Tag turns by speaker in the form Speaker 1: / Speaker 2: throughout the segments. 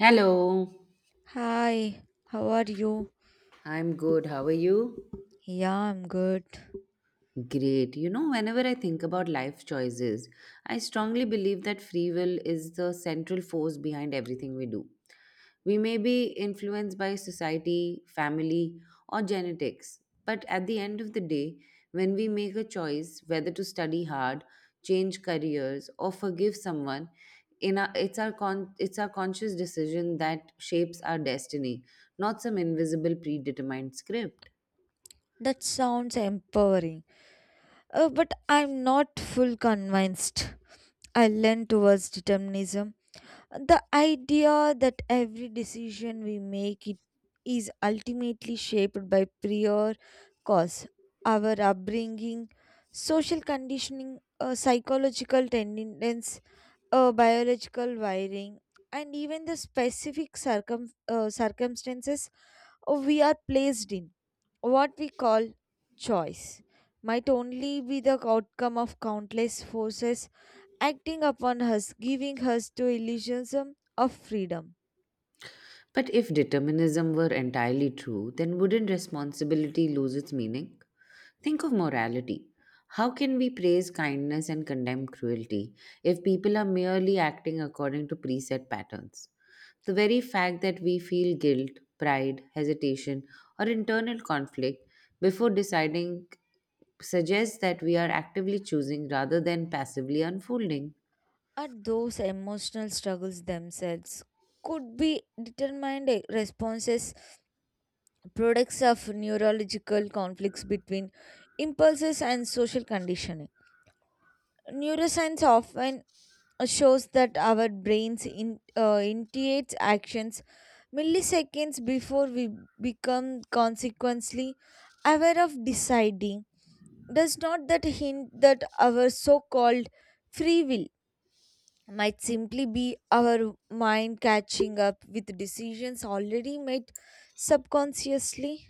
Speaker 1: Hello.
Speaker 2: Hi, how are you?
Speaker 1: I'm good. How are you?
Speaker 2: Yeah, I'm good.
Speaker 1: Great. You know, whenever I think about life choices, I strongly believe that free will is the central force behind everything we do. We may be influenced by society, family, or genetics, but at the end of the day, when we make a choice whether to study hard, change careers, or forgive someone, in our, it's our con- it's our conscious decision that shapes our destiny, not some invisible predetermined script.
Speaker 2: That sounds empowering. But I'm not full convinced. I lean towards determinism. The idea that every decision we make it is ultimately shaped by prior cause, our upbringing, social conditioning, psychological tendencies, biological wiring, and even the specific circumstances we are placed in what we call choice might only be the outcome of countless forces acting upon us, giving us to illusions of freedom.
Speaker 1: But if determinism were entirely true, then wouldn't responsibility lose its meaning? Think of morality. How can we praise kindness and condemn cruelty if people are merely acting according to preset patterns? The very fact that we feel guilt, pride, hesitation, or internal conflict before deciding suggests that we are actively choosing rather than passively unfolding.
Speaker 2: But those emotional struggles themselves could be determined responses, products of neurological conflicts between impulses and social conditioning. Neuroscience often shows that our brains initiates actions milliseconds before we become consequently aware of deciding. Does not that hint that our so called free will might simply be our mind catching up with decisions already made subconsciously.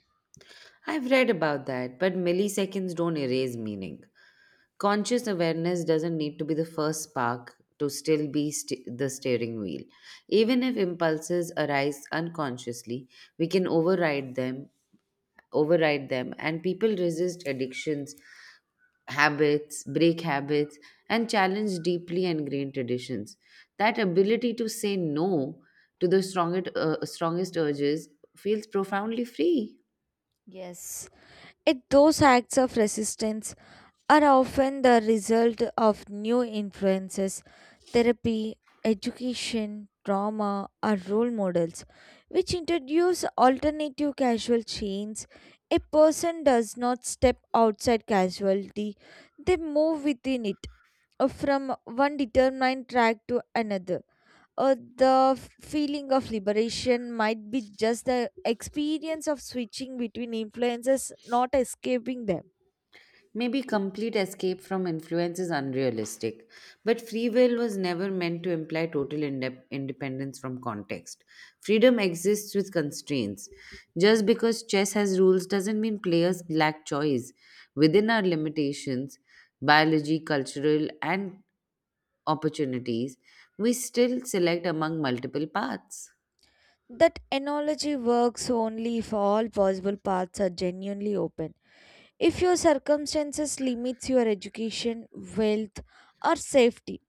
Speaker 1: I've read about that, but milliseconds don't erase meaning. Conscious awareness doesn't need to be the first spark to still be the steering wheel. Even if impulses arise unconsciously, we can override them, and people resist addictions, habits, break habits, and challenge deeply ingrained traditions. That ability to say no to the strongest urges feels profoundly free.
Speaker 2: Yes, it, those acts of resistance are often the result of new influences therapy, education, trauma are role models which introduce alternative casual chains. A person does not step outside casualty, they move within it from one determined track to another. The feeling of liberation might be just the experience of switching between influences, not escaping them.
Speaker 1: Maybe complete escape from influence is unrealistic, but free will was never meant to imply total independence from context. Freedom exists with constraints. Just because chess has rules doesn't mean players lack choice. Within our limitations, biology, cultural, and opportunities, we still select among multiple paths.
Speaker 2: That analogy works only if all possible paths are genuinely open. If your circumstances limits your education, wealth, or safety,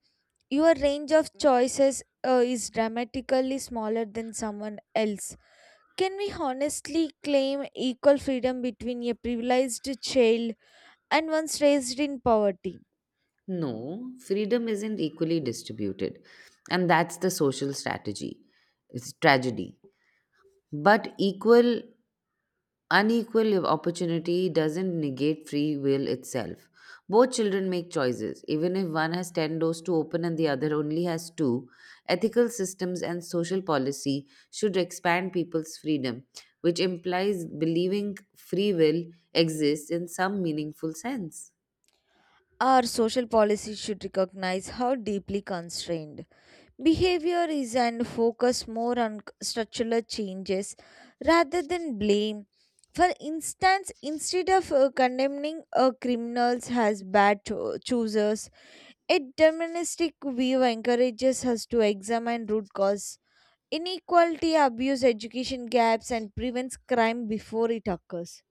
Speaker 2: your range of choices is dramatically smaller than someone else. Can we honestly claim equal freedom between a privileged child and one raised in poverty?
Speaker 1: No, freedom isn't equally distributed, and that's the social strategy. It's tragedy. But equal, unequal opportunity doesn't negate free will itself. Both children make choices. Even if one has 10 doors to open and the other only has two, ethical systems and social policy should expand people's freedom, which implies believing free will exists in some meaningful sense.
Speaker 2: Our social policies should recognize how deeply constrained behavior is and focus more on structural changes rather than blame. For instance, instead of condemning criminals as bad choosers, a deterministic view encourages us to examine root cause, inequality, abuse, education gaps, and prevents crime before it occurs.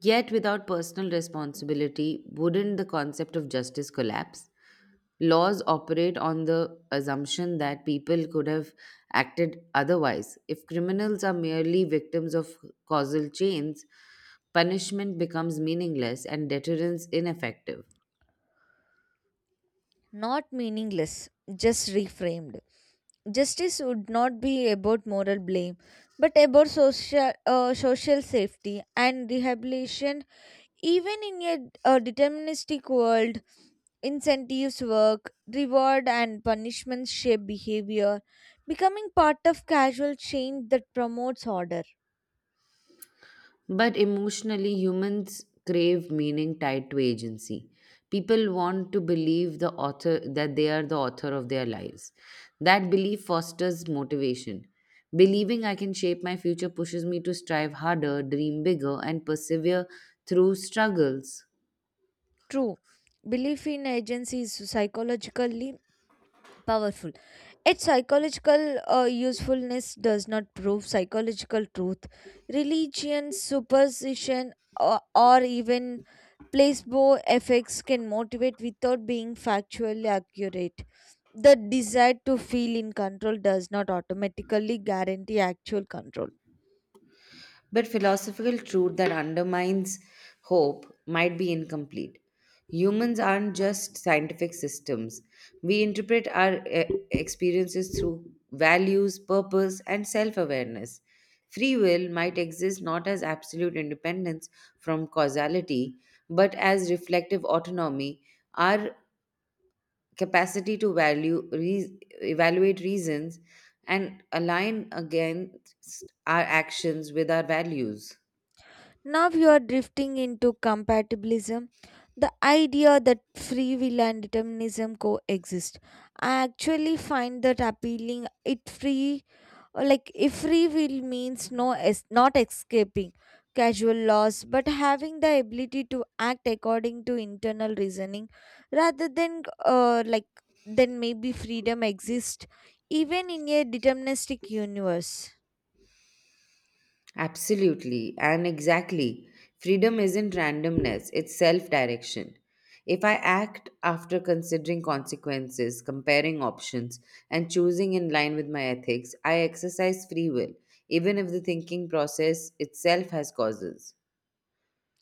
Speaker 1: Yet, without personal responsibility, wouldn't the concept of justice collapse? Laws operate on the assumption that people could have acted otherwise. If criminals are merely victims of causal chains, punishment becomes meaningless and deterrence ineffective.
Speaker 2: Not meaningless, just reframed. Justice would not be about moral blame, but about social safety and rehabilitation. Even in a deterministic world, incentives work, reward and punishment shape behavior, becoming part of casual change that promotes order.
Speaker 1: But emotionally, humans crave meaning tied to agency. People want to believe the author that they are the author of their lives. That belief fosters motivation. Believing I can shape my future pushes me to strive harder, dream bigger, and persevere through struggles.
Speaker 2: True, belief in agency is psychologically powerful its psychological usefulness does not prove psychological truth religion superstition or even placebo effects can motivate without being factually accurate the desire to feel in control does not automatically guarantee actual control.
Speaker 1: But philosophical truth that undermines hope might be incomplete. Humans aren't just scientific systems. We interpret our experiences through values, purpose, and self awareness. Free will might exist not as absolute independence from causality, but as reflective autonomy, our capacity to value, evaluate reasons, and align against our actions with our values.
Speaker 2: Now you are drifting into compatibilism, the idea that free will and determinism coexist. I actually find that appealing. It free, like if free will means no, not escaping casual laws, but having the ability to act according to internal reasoning, rather than then maybe freedom exists even in a deterministic universe.
Speaker 1: Absolutely, and exactly. Freedom isn't randomness, it's self direction. If I act after considering consequences, comparing options, and choosing in line with my ethics, I exercise free will, even if the thinking process itself has causes.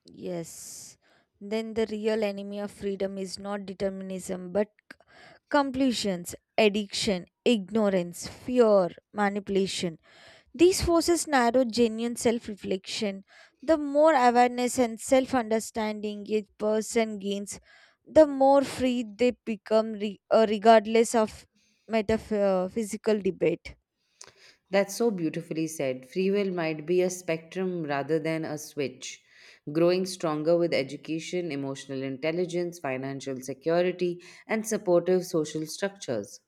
Speaker 2: Yes. Then the real enemy of freedom is not determinism but compulsions, addiction, ignorance, fear, manipulation. These forces narrow genuine self reflection. The more awareness and self understanding a person gains, the more free they become, regardless of metaphysical debate.
Speaker 1: That's so beautifully said. Free will might be a spectrum rather than a switch, growing stronger with education, emotional intelligence, financial security, and supportive social structures.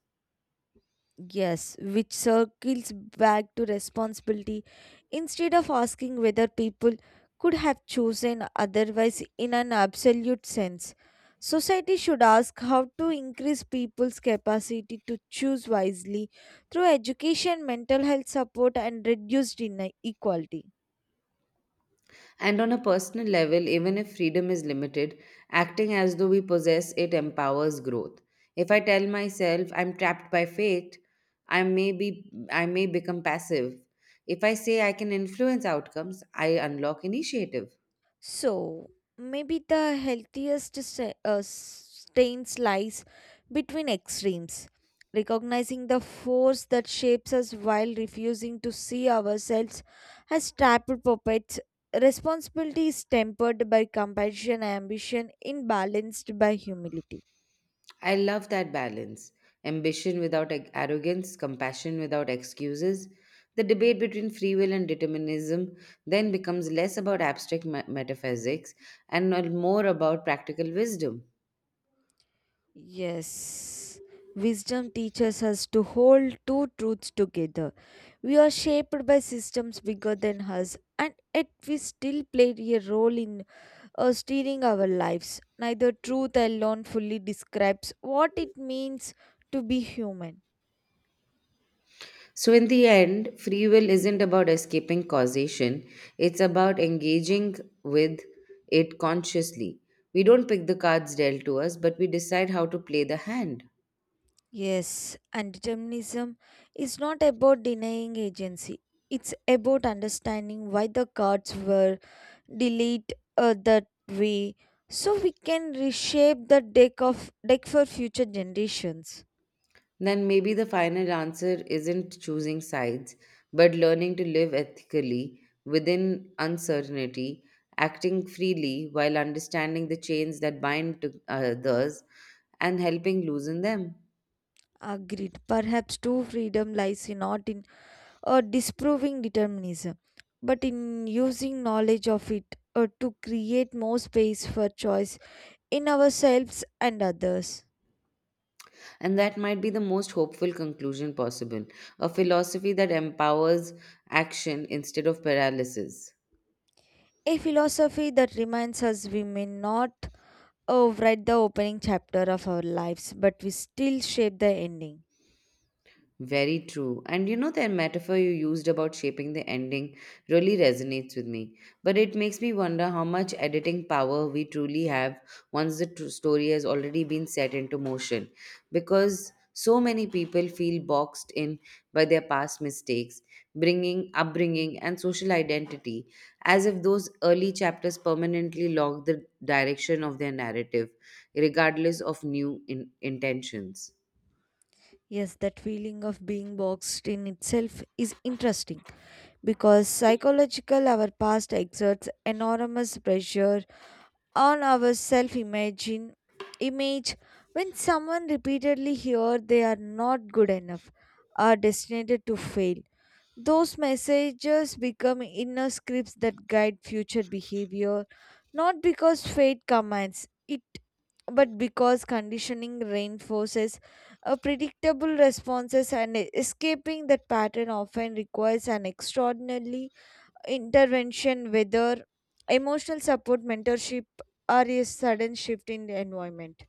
Speaker 2: Yes, which circles back to responsibility instead of asking whether people could have chosen otherwise in an absolute sense. Society should ask how to increase people's capacity to choose wisely through education, mental health support, and reduced inequality.
Speaker 1: And on a personal level, even if freedom is limited, acting as though we possess it empowers growth. If I tell myself I'm trapped by fate, I may become passive. If I say I can influence outcomes, I unlock initiative.
Speaker 2: So, maybe the healthiest stance lies between extremes, recognizing the force that shapes us while refusing to see ourselves as trapped puppets. Responsibility is tempered by compassion, ambition, imbalanced by humility.
Speaker 1: I love that balance. Ambition without arrogance, compassion without excuses. The debate between free will and determinism then becomes less about abstract metaphysics and more about practical wisdom.
Speaker 2: Yes, wisdom teaches us to hold two truths together. We are shaped by systems bigger than us, and yet we still play a role in steering our lives. Neither truth alone fully describes what it means to be human.
Speaker 1: So, in the end, free will isn't about escaping causation, it's about engaging with it consciously. We don't pick the cards dealt to us, but we decide how to play the hand.
Speaker 2: Yes, and determinism is not about denying agency. It's about understanding why the cards were delayed that way, so we can reshape the deck of deck for future generations.
Speaker 1: Then maybe the final answer isn't choosing sides, but learning to live ethically within uncertainty, acting freely while understanding the chains that bind to others and helping loosen them.
Speaker 2: Agreed. Perhaps true freedom lies in not in disproving determinism, but in using knowledge of it to create more space for choice in ourselves and others.
Speaker 1: And that might be the most hopeful conclusion possible, a philosophy that empowers action instead of paralysis.
Speaker 2: A philosophy that reminds us we may not write the opening chapter of our lives, but we still shape the ending.
Speaker 1: Very true. And you know, that metaphor you used about shaping the ending really resonates with me. But it makes me wonder how much editing power we truly have once the story has already been set into motion. Because so many people feel boxed in by their past mistakes, upbringing, and social identity, as if those early chapters permanently lock the direction of their narrative, regardless of new intentions.
Speaker 2: Yes, that feeling of being boxed in itself is interesting because psychological our past exerts enormous pressure on our self imagine image when someone repeatedly hear they are not good enough are destined to fail those messages become inner scripts that guide future behavior, not because fate commands it, but because conditioning reinforces a predictable responses and escaping that pattern often requires an extraordinary intervention, whether emotional support, mentorship, or a sudden shift in the environment.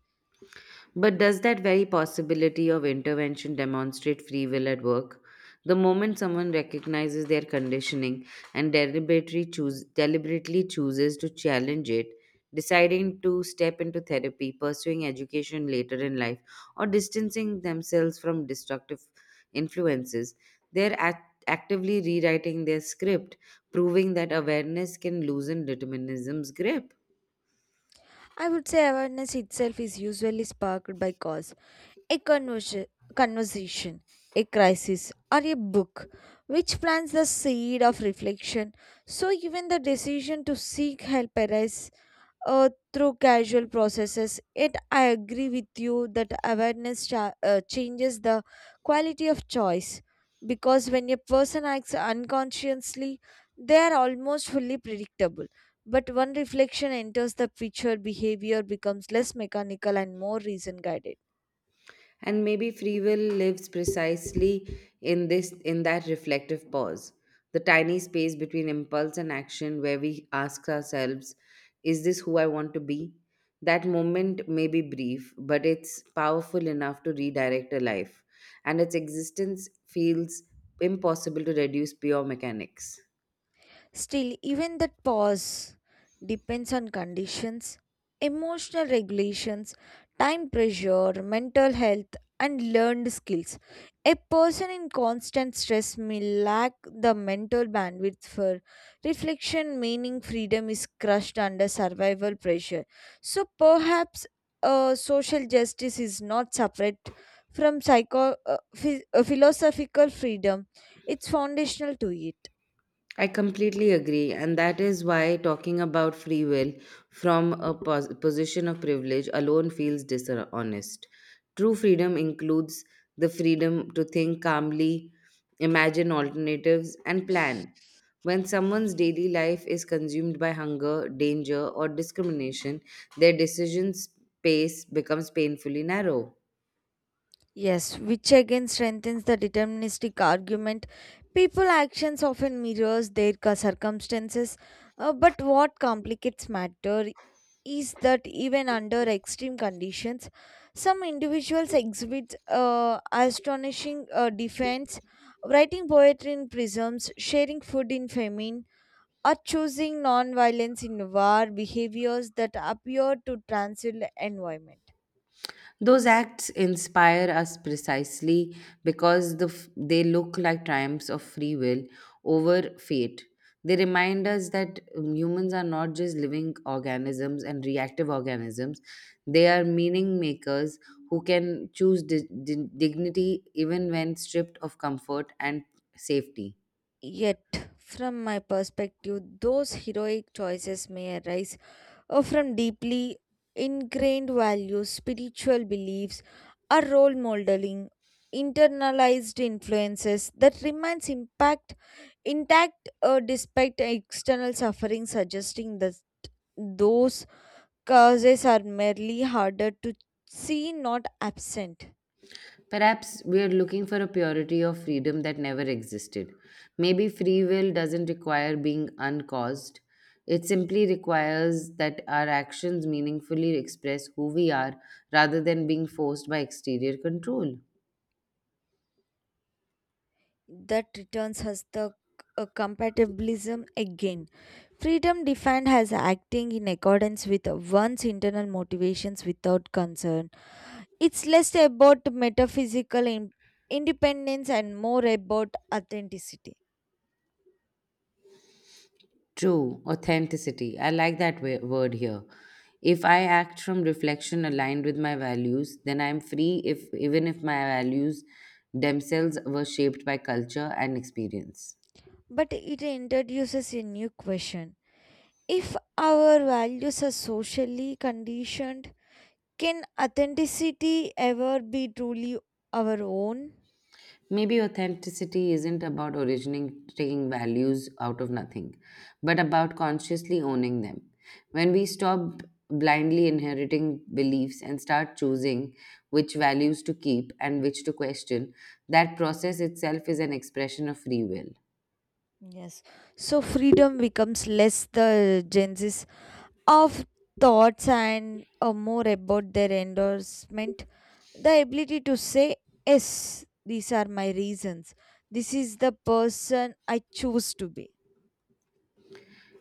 Speaker 1: But does that very possibility of intervention demonstrate free will at work? The moment someone recognizes their conditioning and deliberately chooses to challenge it, deciding to step into therapy, pursuing education later in life, or distancing themselves from destructive influences, they're actively rewriting their script, proving that awareness can loosen determinism's grip.
Speaker 2: I would say awareness itself is usually sparked by cause a conversation, a crisis, or a book which plants the seed of reflection. So, even the decision to seek help arises through casual processes. Yet, I agree with you that awareness changes the quality of choice because when a person acts unconsciously, they are almost fully predictable. But when reflection enters the picture, behavior becomes less mechanical and more reason guided.
Speaker 1: And maybe free will lives precisely in that reflective pause, the tiny space between impulse and action where we ask ourselves, is this who I want to be? That moment may be brief, but it's powerful enough to redirect a life, and its existence feels impossible to reduce pure mechanics.
Speaker 2: Still, even that pause depends on conditions, emotional regulations, time pressure, mental health, and learned skills. A person in constant stress may lack the mental bandwidth for reflection, meaning freedom is crushed under survival pressure. So perhaps social justice is not separate from philosophical freedom, it's foundational to it.
Speaker 1: I completely agree, and that is why talking about free will from a position of privilege alone feels dishonest. True freedom includes the freedom to think calmly, imagine alternatives, and plan. When someone's daily life is consumed by hunger, danger, or discrimination, their decision space becomes painfully narrow.
Speaker 2: Yes, which again strengthens the deterministic argument. People actions often mirrors their circumstances, but what complicates matter is that even under extreme conditions, some individuals exhibit astonishing defense, writing poetry in prisms, sharing food in famine, or choosing non-violence in war behaviors that appear to transcend environment.
Speaker 1: Those acts inspire us precisely because they look like triumphs of free will over fate. They remind us that humans are not just living organisms and reactive organisms, they are meaning makers who can choose dignity even when stripped of comfort and safety.
Speaker 2: Yet, from my perspective, those heroic choices may arise or from deeply ingrained values, spiritual beliefs, or role modeling, internalized influences that remains impact intact despite external suffering, suggesting that those causes are merely harder to see, not absent.
Speaker 1: Perhaps we are looking for a purity of freedom that never existed. Maybe free will doesn't require being uncaused. It simply requires that our actions meaningfully express who we are rather than being forced by exterior control.
Speaker 2: That returns us the compatibilism again. Freedom defined as acting in accordance with one's internal motivations without concern. It's less about metaphysical independence and more about authenticity.
Speaker 1: True, authenticity. I like that word here. If I act from reflection aligned with my values, then I am free if even if my values themselves were shaped by culture and experience.
Speaker 2: But it introduces a new question. If our values are socially conditioned, can authenticity ever be truly our own?
Speaker 1: Maybe authenticity isn't about originating taking values out of nothing, but about consciously owning them. When we stop blindly inheriting beliefs and start choosing which values to keep and which to question, that process itself is an expression of free will.
Speaker 2: Yes. So freedom becomes less the Gen Z's of thoughts and more about their endorsement. The ability to say, yes, these are my reasons. This is the person I choose to be.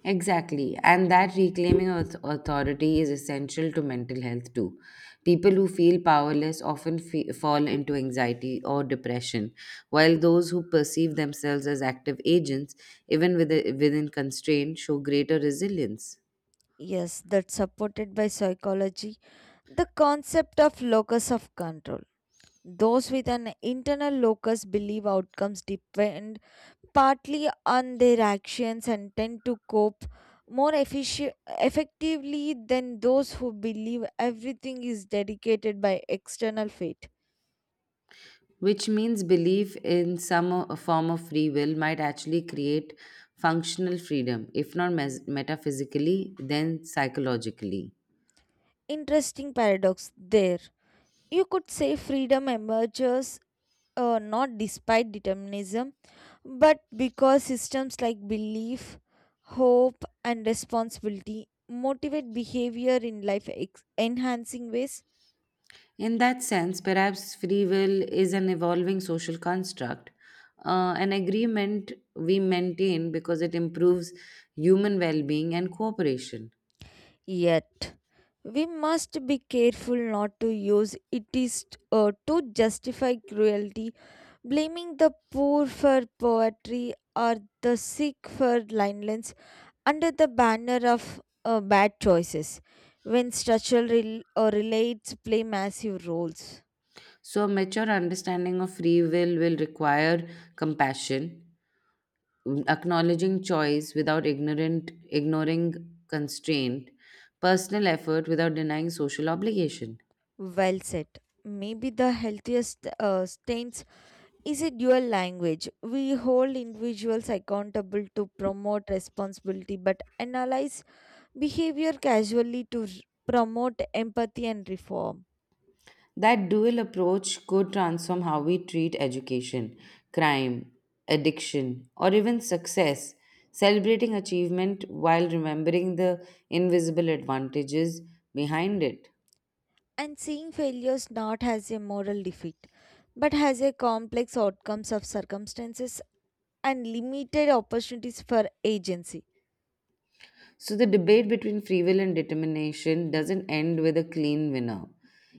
Speaker 1: Exactly. And that reclaiming authority is essential to mental health too. People who feel powerless often fall into anxiety or depression, while those who perceive themselves as active agents, even within constraint, show greater resilience.
Speaker 2: Yes, that's supported by psychology. The concept of locus of control. Those with an internal locus believe outcomes depend partly on their actions and tend to cope effectively than those who believe everything is dedicated by external fate.
Speaker 1: Which means belief in some form of free will might actually create functional freedom, if not metaphysically, then psychologically.
Speaker 2: Interesting paradox there. You could say freedom emerges not despite determinism, but because systems like belief, hope, and responsibility motivate behavior in life enhancing ways.
Speaker 1: In that sense, perhaps free will is an evolving social construct, an agreement we maintain because it improves human well being and cooperation.
Speaker 2: Yet, we must be careful not to use it is to justify cruelty, blaming the poor for poverty or the sick for blindness under the banner of bad choices when structural rel- or relates play massive roles.
Speaker 1: So, a mature understanding of free will require compassion, acknowledging choice without ignoring constraint, personal effort without denying social obligation.
Speaker 2: Well said. Maybe the healthiest stance is a dual language. We hold individuals accountable to promote responsibility but analyze behavior casually to promote empathy and reform.
Speaker 1: That dual approach could transform how we treat education, crime, addiction, or even success, celebrating achievement while remembering the invisible advantages behind it.
Speaker 2: And seeing failures not as a moral defeat but as a complex outcomes of circumstances and limited opportunities for agency.
Speaker 1: So, the debate between free will and determination doesn't end with a clean winner.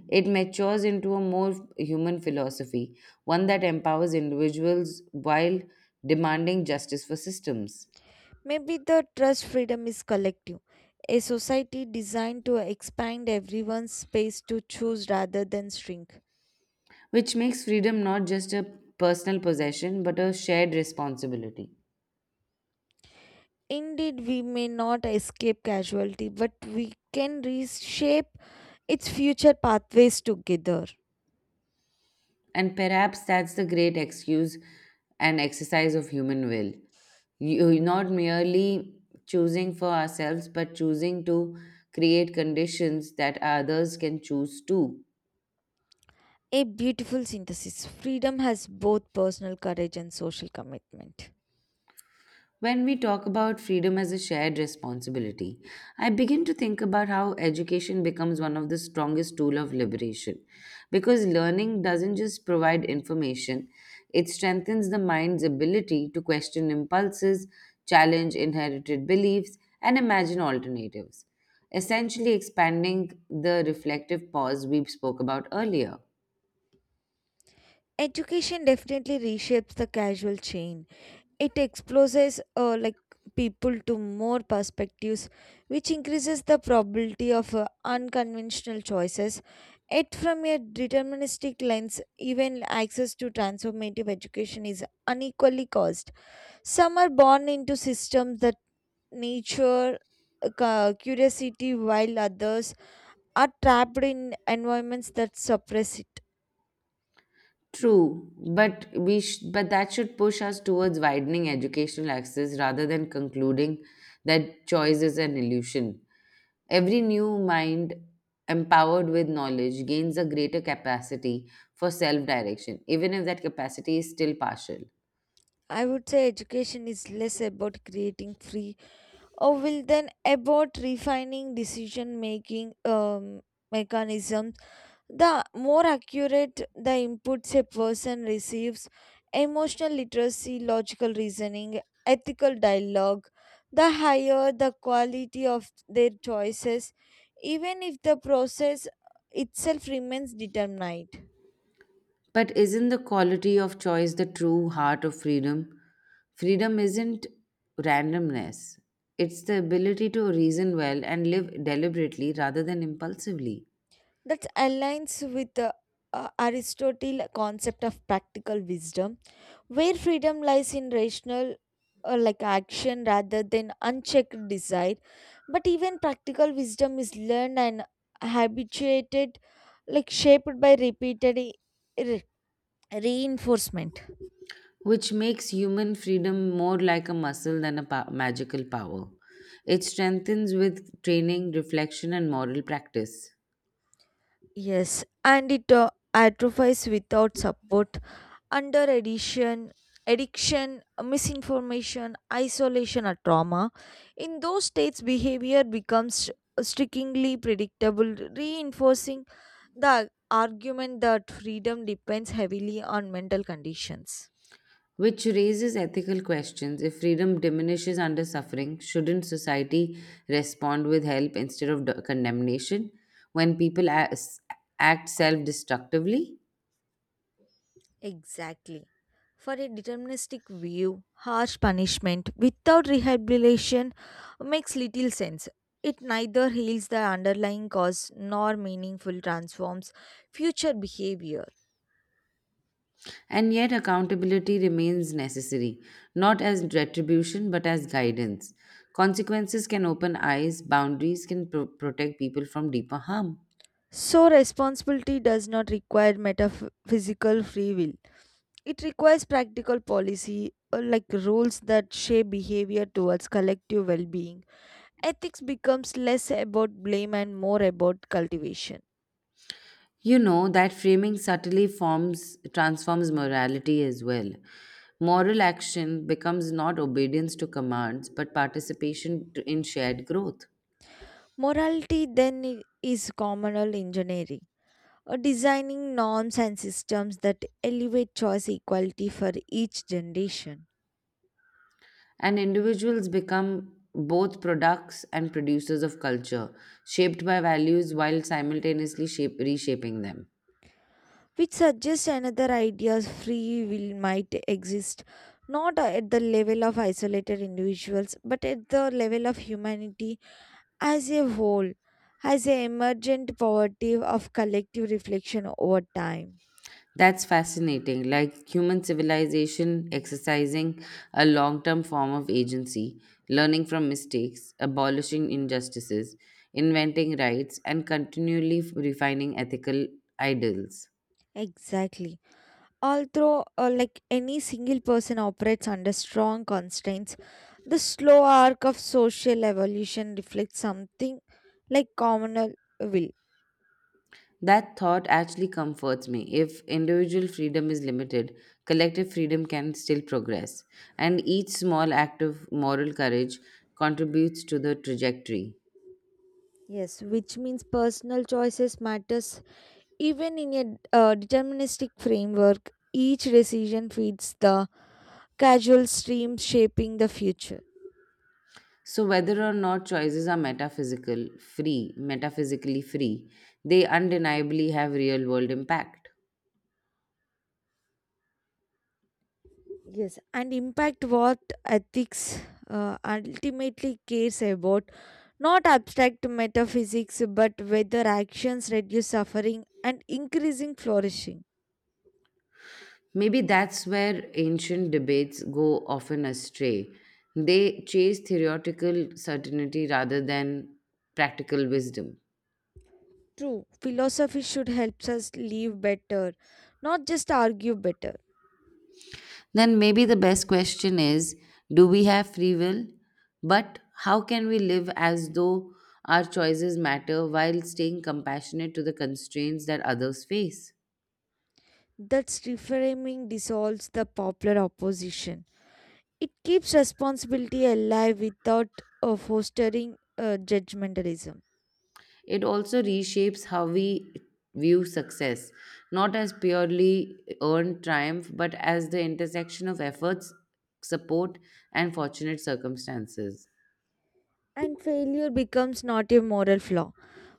Speaker 1: It matures into a more human philosophy, one that empowers individuals while demanding justice for systems.
Speaker 2: Maybe the trust freedom is collective, a society designed to expand everyone's space to choose rather than shrink.
Speaker 1: Which makes freedom not just a personal possession but a shared responsibility.
Speaker 2: Indeed, we may not escape casualty, but we can reshape its future pathways together.
Speaker 1: And perhaps that's the great excuse and exercise of human will. You, not merely choosing for ourselves, but choosing to create conditions that others can choose too.
Speaker 2: A beautiful synthesis. Freedom has both personal courage and social commitment.
Speaker 1: When we talk about freedom as a shared responsibility, I begin to think about how education becomes one of the strongest tool of liberation because learning doesn't just provide information, it strengthens the mind's ability to question impulses, challenge inherited beliefs, and imagine alternatives, essentially expanding the reflective pause we spoke about earlier.
Speaker 2: Education definitely reshapes the casual chain it exposes people to more perspectives, which increases the probability of unconventional choices. Yet, from a deterministic lens, even access to transformative education is unequally caused. Some are born into systems that nature curiosity, while others are trapped in environments that suppress it.
Speaker 1: True, but that should push us towards widening educational access rather than concluding that choice is an illusion. Every new mind empowered with knowledge gains a greater capacity for self-direction, even if that capacity is still partial.
Speaker 2: I would say education is less about creating free or will then abort refining decision making mechanisms the more accurate the inputs a person receives emotional literacy logical reasoning ethical dialogue the higher the quality of their choices even if the process itself remains determined
Speaker 1: But isn't the quality of choice the true heart of freedom? Freedom isn't randomness. It's the ability to reason well and live deliberately rather than impulsively.
Speaker 2: that aligns with the aristotle concept of practical wisdom where freedom lies in rational or like action rather than unchecked desire but even practical wisdom is learned and habituated like shaped by repeated reinforcement
Speaker 1: Which makes human freedom more like a muscle than a magical power. It strengthens with training, reflection, and moral practice,
Speaker 2: yes and it atrophies without support under addiction addiction misinformation isolation or trauma in those states behavior becomes strikingly predictable reinforcing the argument that freedom depends heavily on mental conditions
Speaker 1: which raises ethical questions. If freedom diminishes under suffering, shouldn't society respond with help instead of condemnation when people act self destructively?
Speaker 2: exactly for a deterministic view harsh punishment without rehabilitation makes little sense it neither heals the underlying cause nor meaningful transforms future behavior.
Speaker 1: And yet, accountability remains necessary, not as retribution but as guidance. Consequences can open eyes, boundaries can protect people from deeper harm.
Speaker 2: So, responsibility does not require metaphysical free will. It requires practical policy, like rules that shape behavior towards collective well being. Ethics becomes less about blame and more about cultivation.
Speaker 1: You know that framing subtly forms transforms morality as well. Moral action becomes not obedience to commands but participation in shared growth.
Speaker 2: Morality then is communal engineering, or designing norms and systems that elevate choice equality for each generation.
Speaker 1: And individuals become both products and producers of culture, shaped by values while simultaneously reshaping them.
Speaker 2: Which suggests another ideas free will might exist not at the level of isolated individuals but at the level of humanity as a whole as a emergent poverty of collective reflection over time
Speaker 1: That's fascinating, like human civilization exercising a long term form of agency, learning from mistakes, abolishing injustices, inventing rights, and continually refining ethical ideals.
Speaker 2: exactly although any single person operates under strong constraints the slow arc of social evolution reflects something like communal will
Speaker 1: That thought actually comforts me. If individual freedom is limited, collective freedom can still progress, and each small act of moral courage contributes to the trajectory.
Speaker 2: yes which means personal choices matters even in a deterministic framework, each decision feeds the causal stream shaping the future.
Speaker 1: So whether or not choices are metaphysically free, they undeniably have real world impact.
Speaker 2: Yes, and impact what ethics ultimately cares about, not abstract metaphysics, but whether actions reduce suffering and increasing flourishing.
Speaker 1: Maybe that's where ancient debates go often astray. They chase theoretical certainty rather than practical wisdom.
Speaker 2: True, philosophy should help us live better, not just argue better.
Speaker 1: Then maybe the best question is do we have free will? But how can we live as though our choices matter while staying compassionate to the constraints that others face?
Speaker 2: That reframing dissolves the popular opposition. It keeps responsibility alive without fostering judgmentalism.
Speaker 1: It also reshapes how we view success, not as purely earned triumph, but as the intersection of efforts, support, and fortunate circumstances.
Speaker 2: And failure becomes not a moral flaw,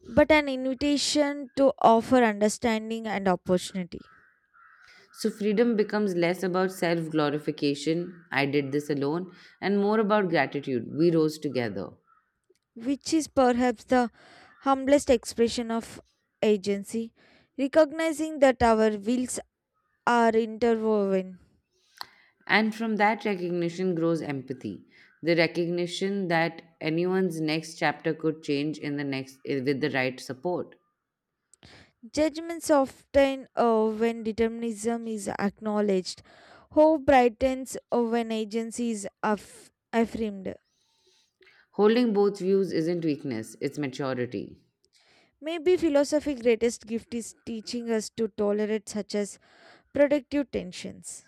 Speaker 2: but an invitation to offer understanding and opportunity,
Speaker 1: So, freedom becomes less about self glorification, I did this alone, and more about gratitude, we rose together.
Speaker 2: which is perhaps the humblest expression of agency, recognizing that our wills are interwoven.
Speaker 1: And from that recognition grows empathy. The recognition that anyone's next chapter could change in the next with the right support.
Speaker 2: Judgments often when determinism is acknowledged. Hope brightens when agency is affirmed.
Speaker 1: Holding both views isn't weakness, it's maturity.
Speaker 2: Maybe philosophy's greatest gift is teaching us to tolerate such as productive tensions,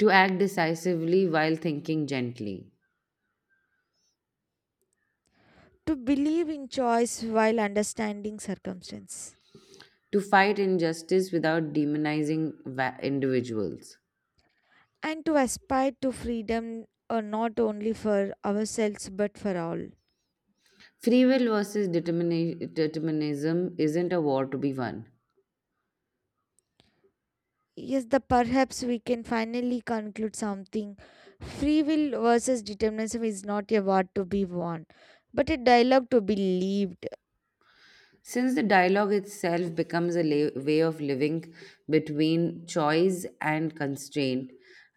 Speaker 1: To act decisively while thinking gently.
Speaker 2: to believe in choice while understanding circumstance,
Speaker 1: To fight injustice without demonizing individuals.
Speaker 2: and to aspire to freedom not only for ourselves but for all.
Speaker 1: Free will versus determinism isn't a war to be won.
Speaker 2: Yes, the perhaps we can finally conclude something. Free will versus determinism is not a war to be won, but a dialogue to be lived.
Speaker 1: Since the dialogue itself becomes a way of living between choice and constraint,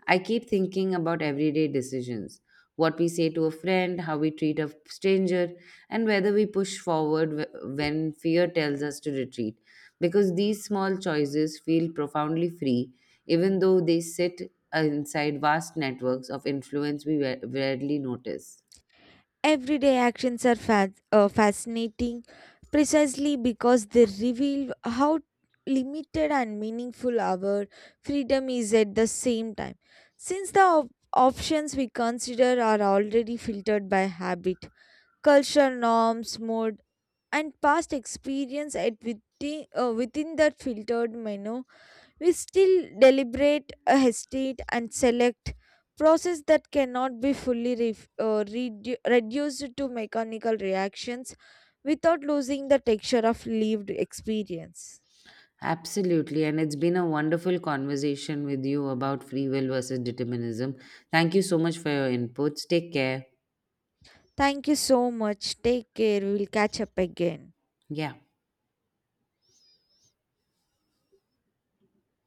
Speaker 1: I keep thinking about everyday decisions, what we say to a friend, how we treat a stranger, and whether we push forward when fear tells us to retreat. Because these small choices feel profoundly free, even though they sit inside vast networks of influence we rarely notice.
Speaker 2: Everyday actions are fascinating precisely because they reveal how limited and meaningful our freedom is at the same time. Since the options we consider are already filtered by habit, culture norms, mood, and past experience at within that filtered menu, we still deliberate, hesitate, and select process that cannot be fully reduced to mechanical reactions without losing the texture of lived experience.
Speaker 1: Absolutely. And it's been a wonderful conversation with you about free will versus determinism. Thank you so much for your inputs. Take care.
Speaker 2: Thank you so much. Take care. We will catch up again.
Speaker 1: Yeah.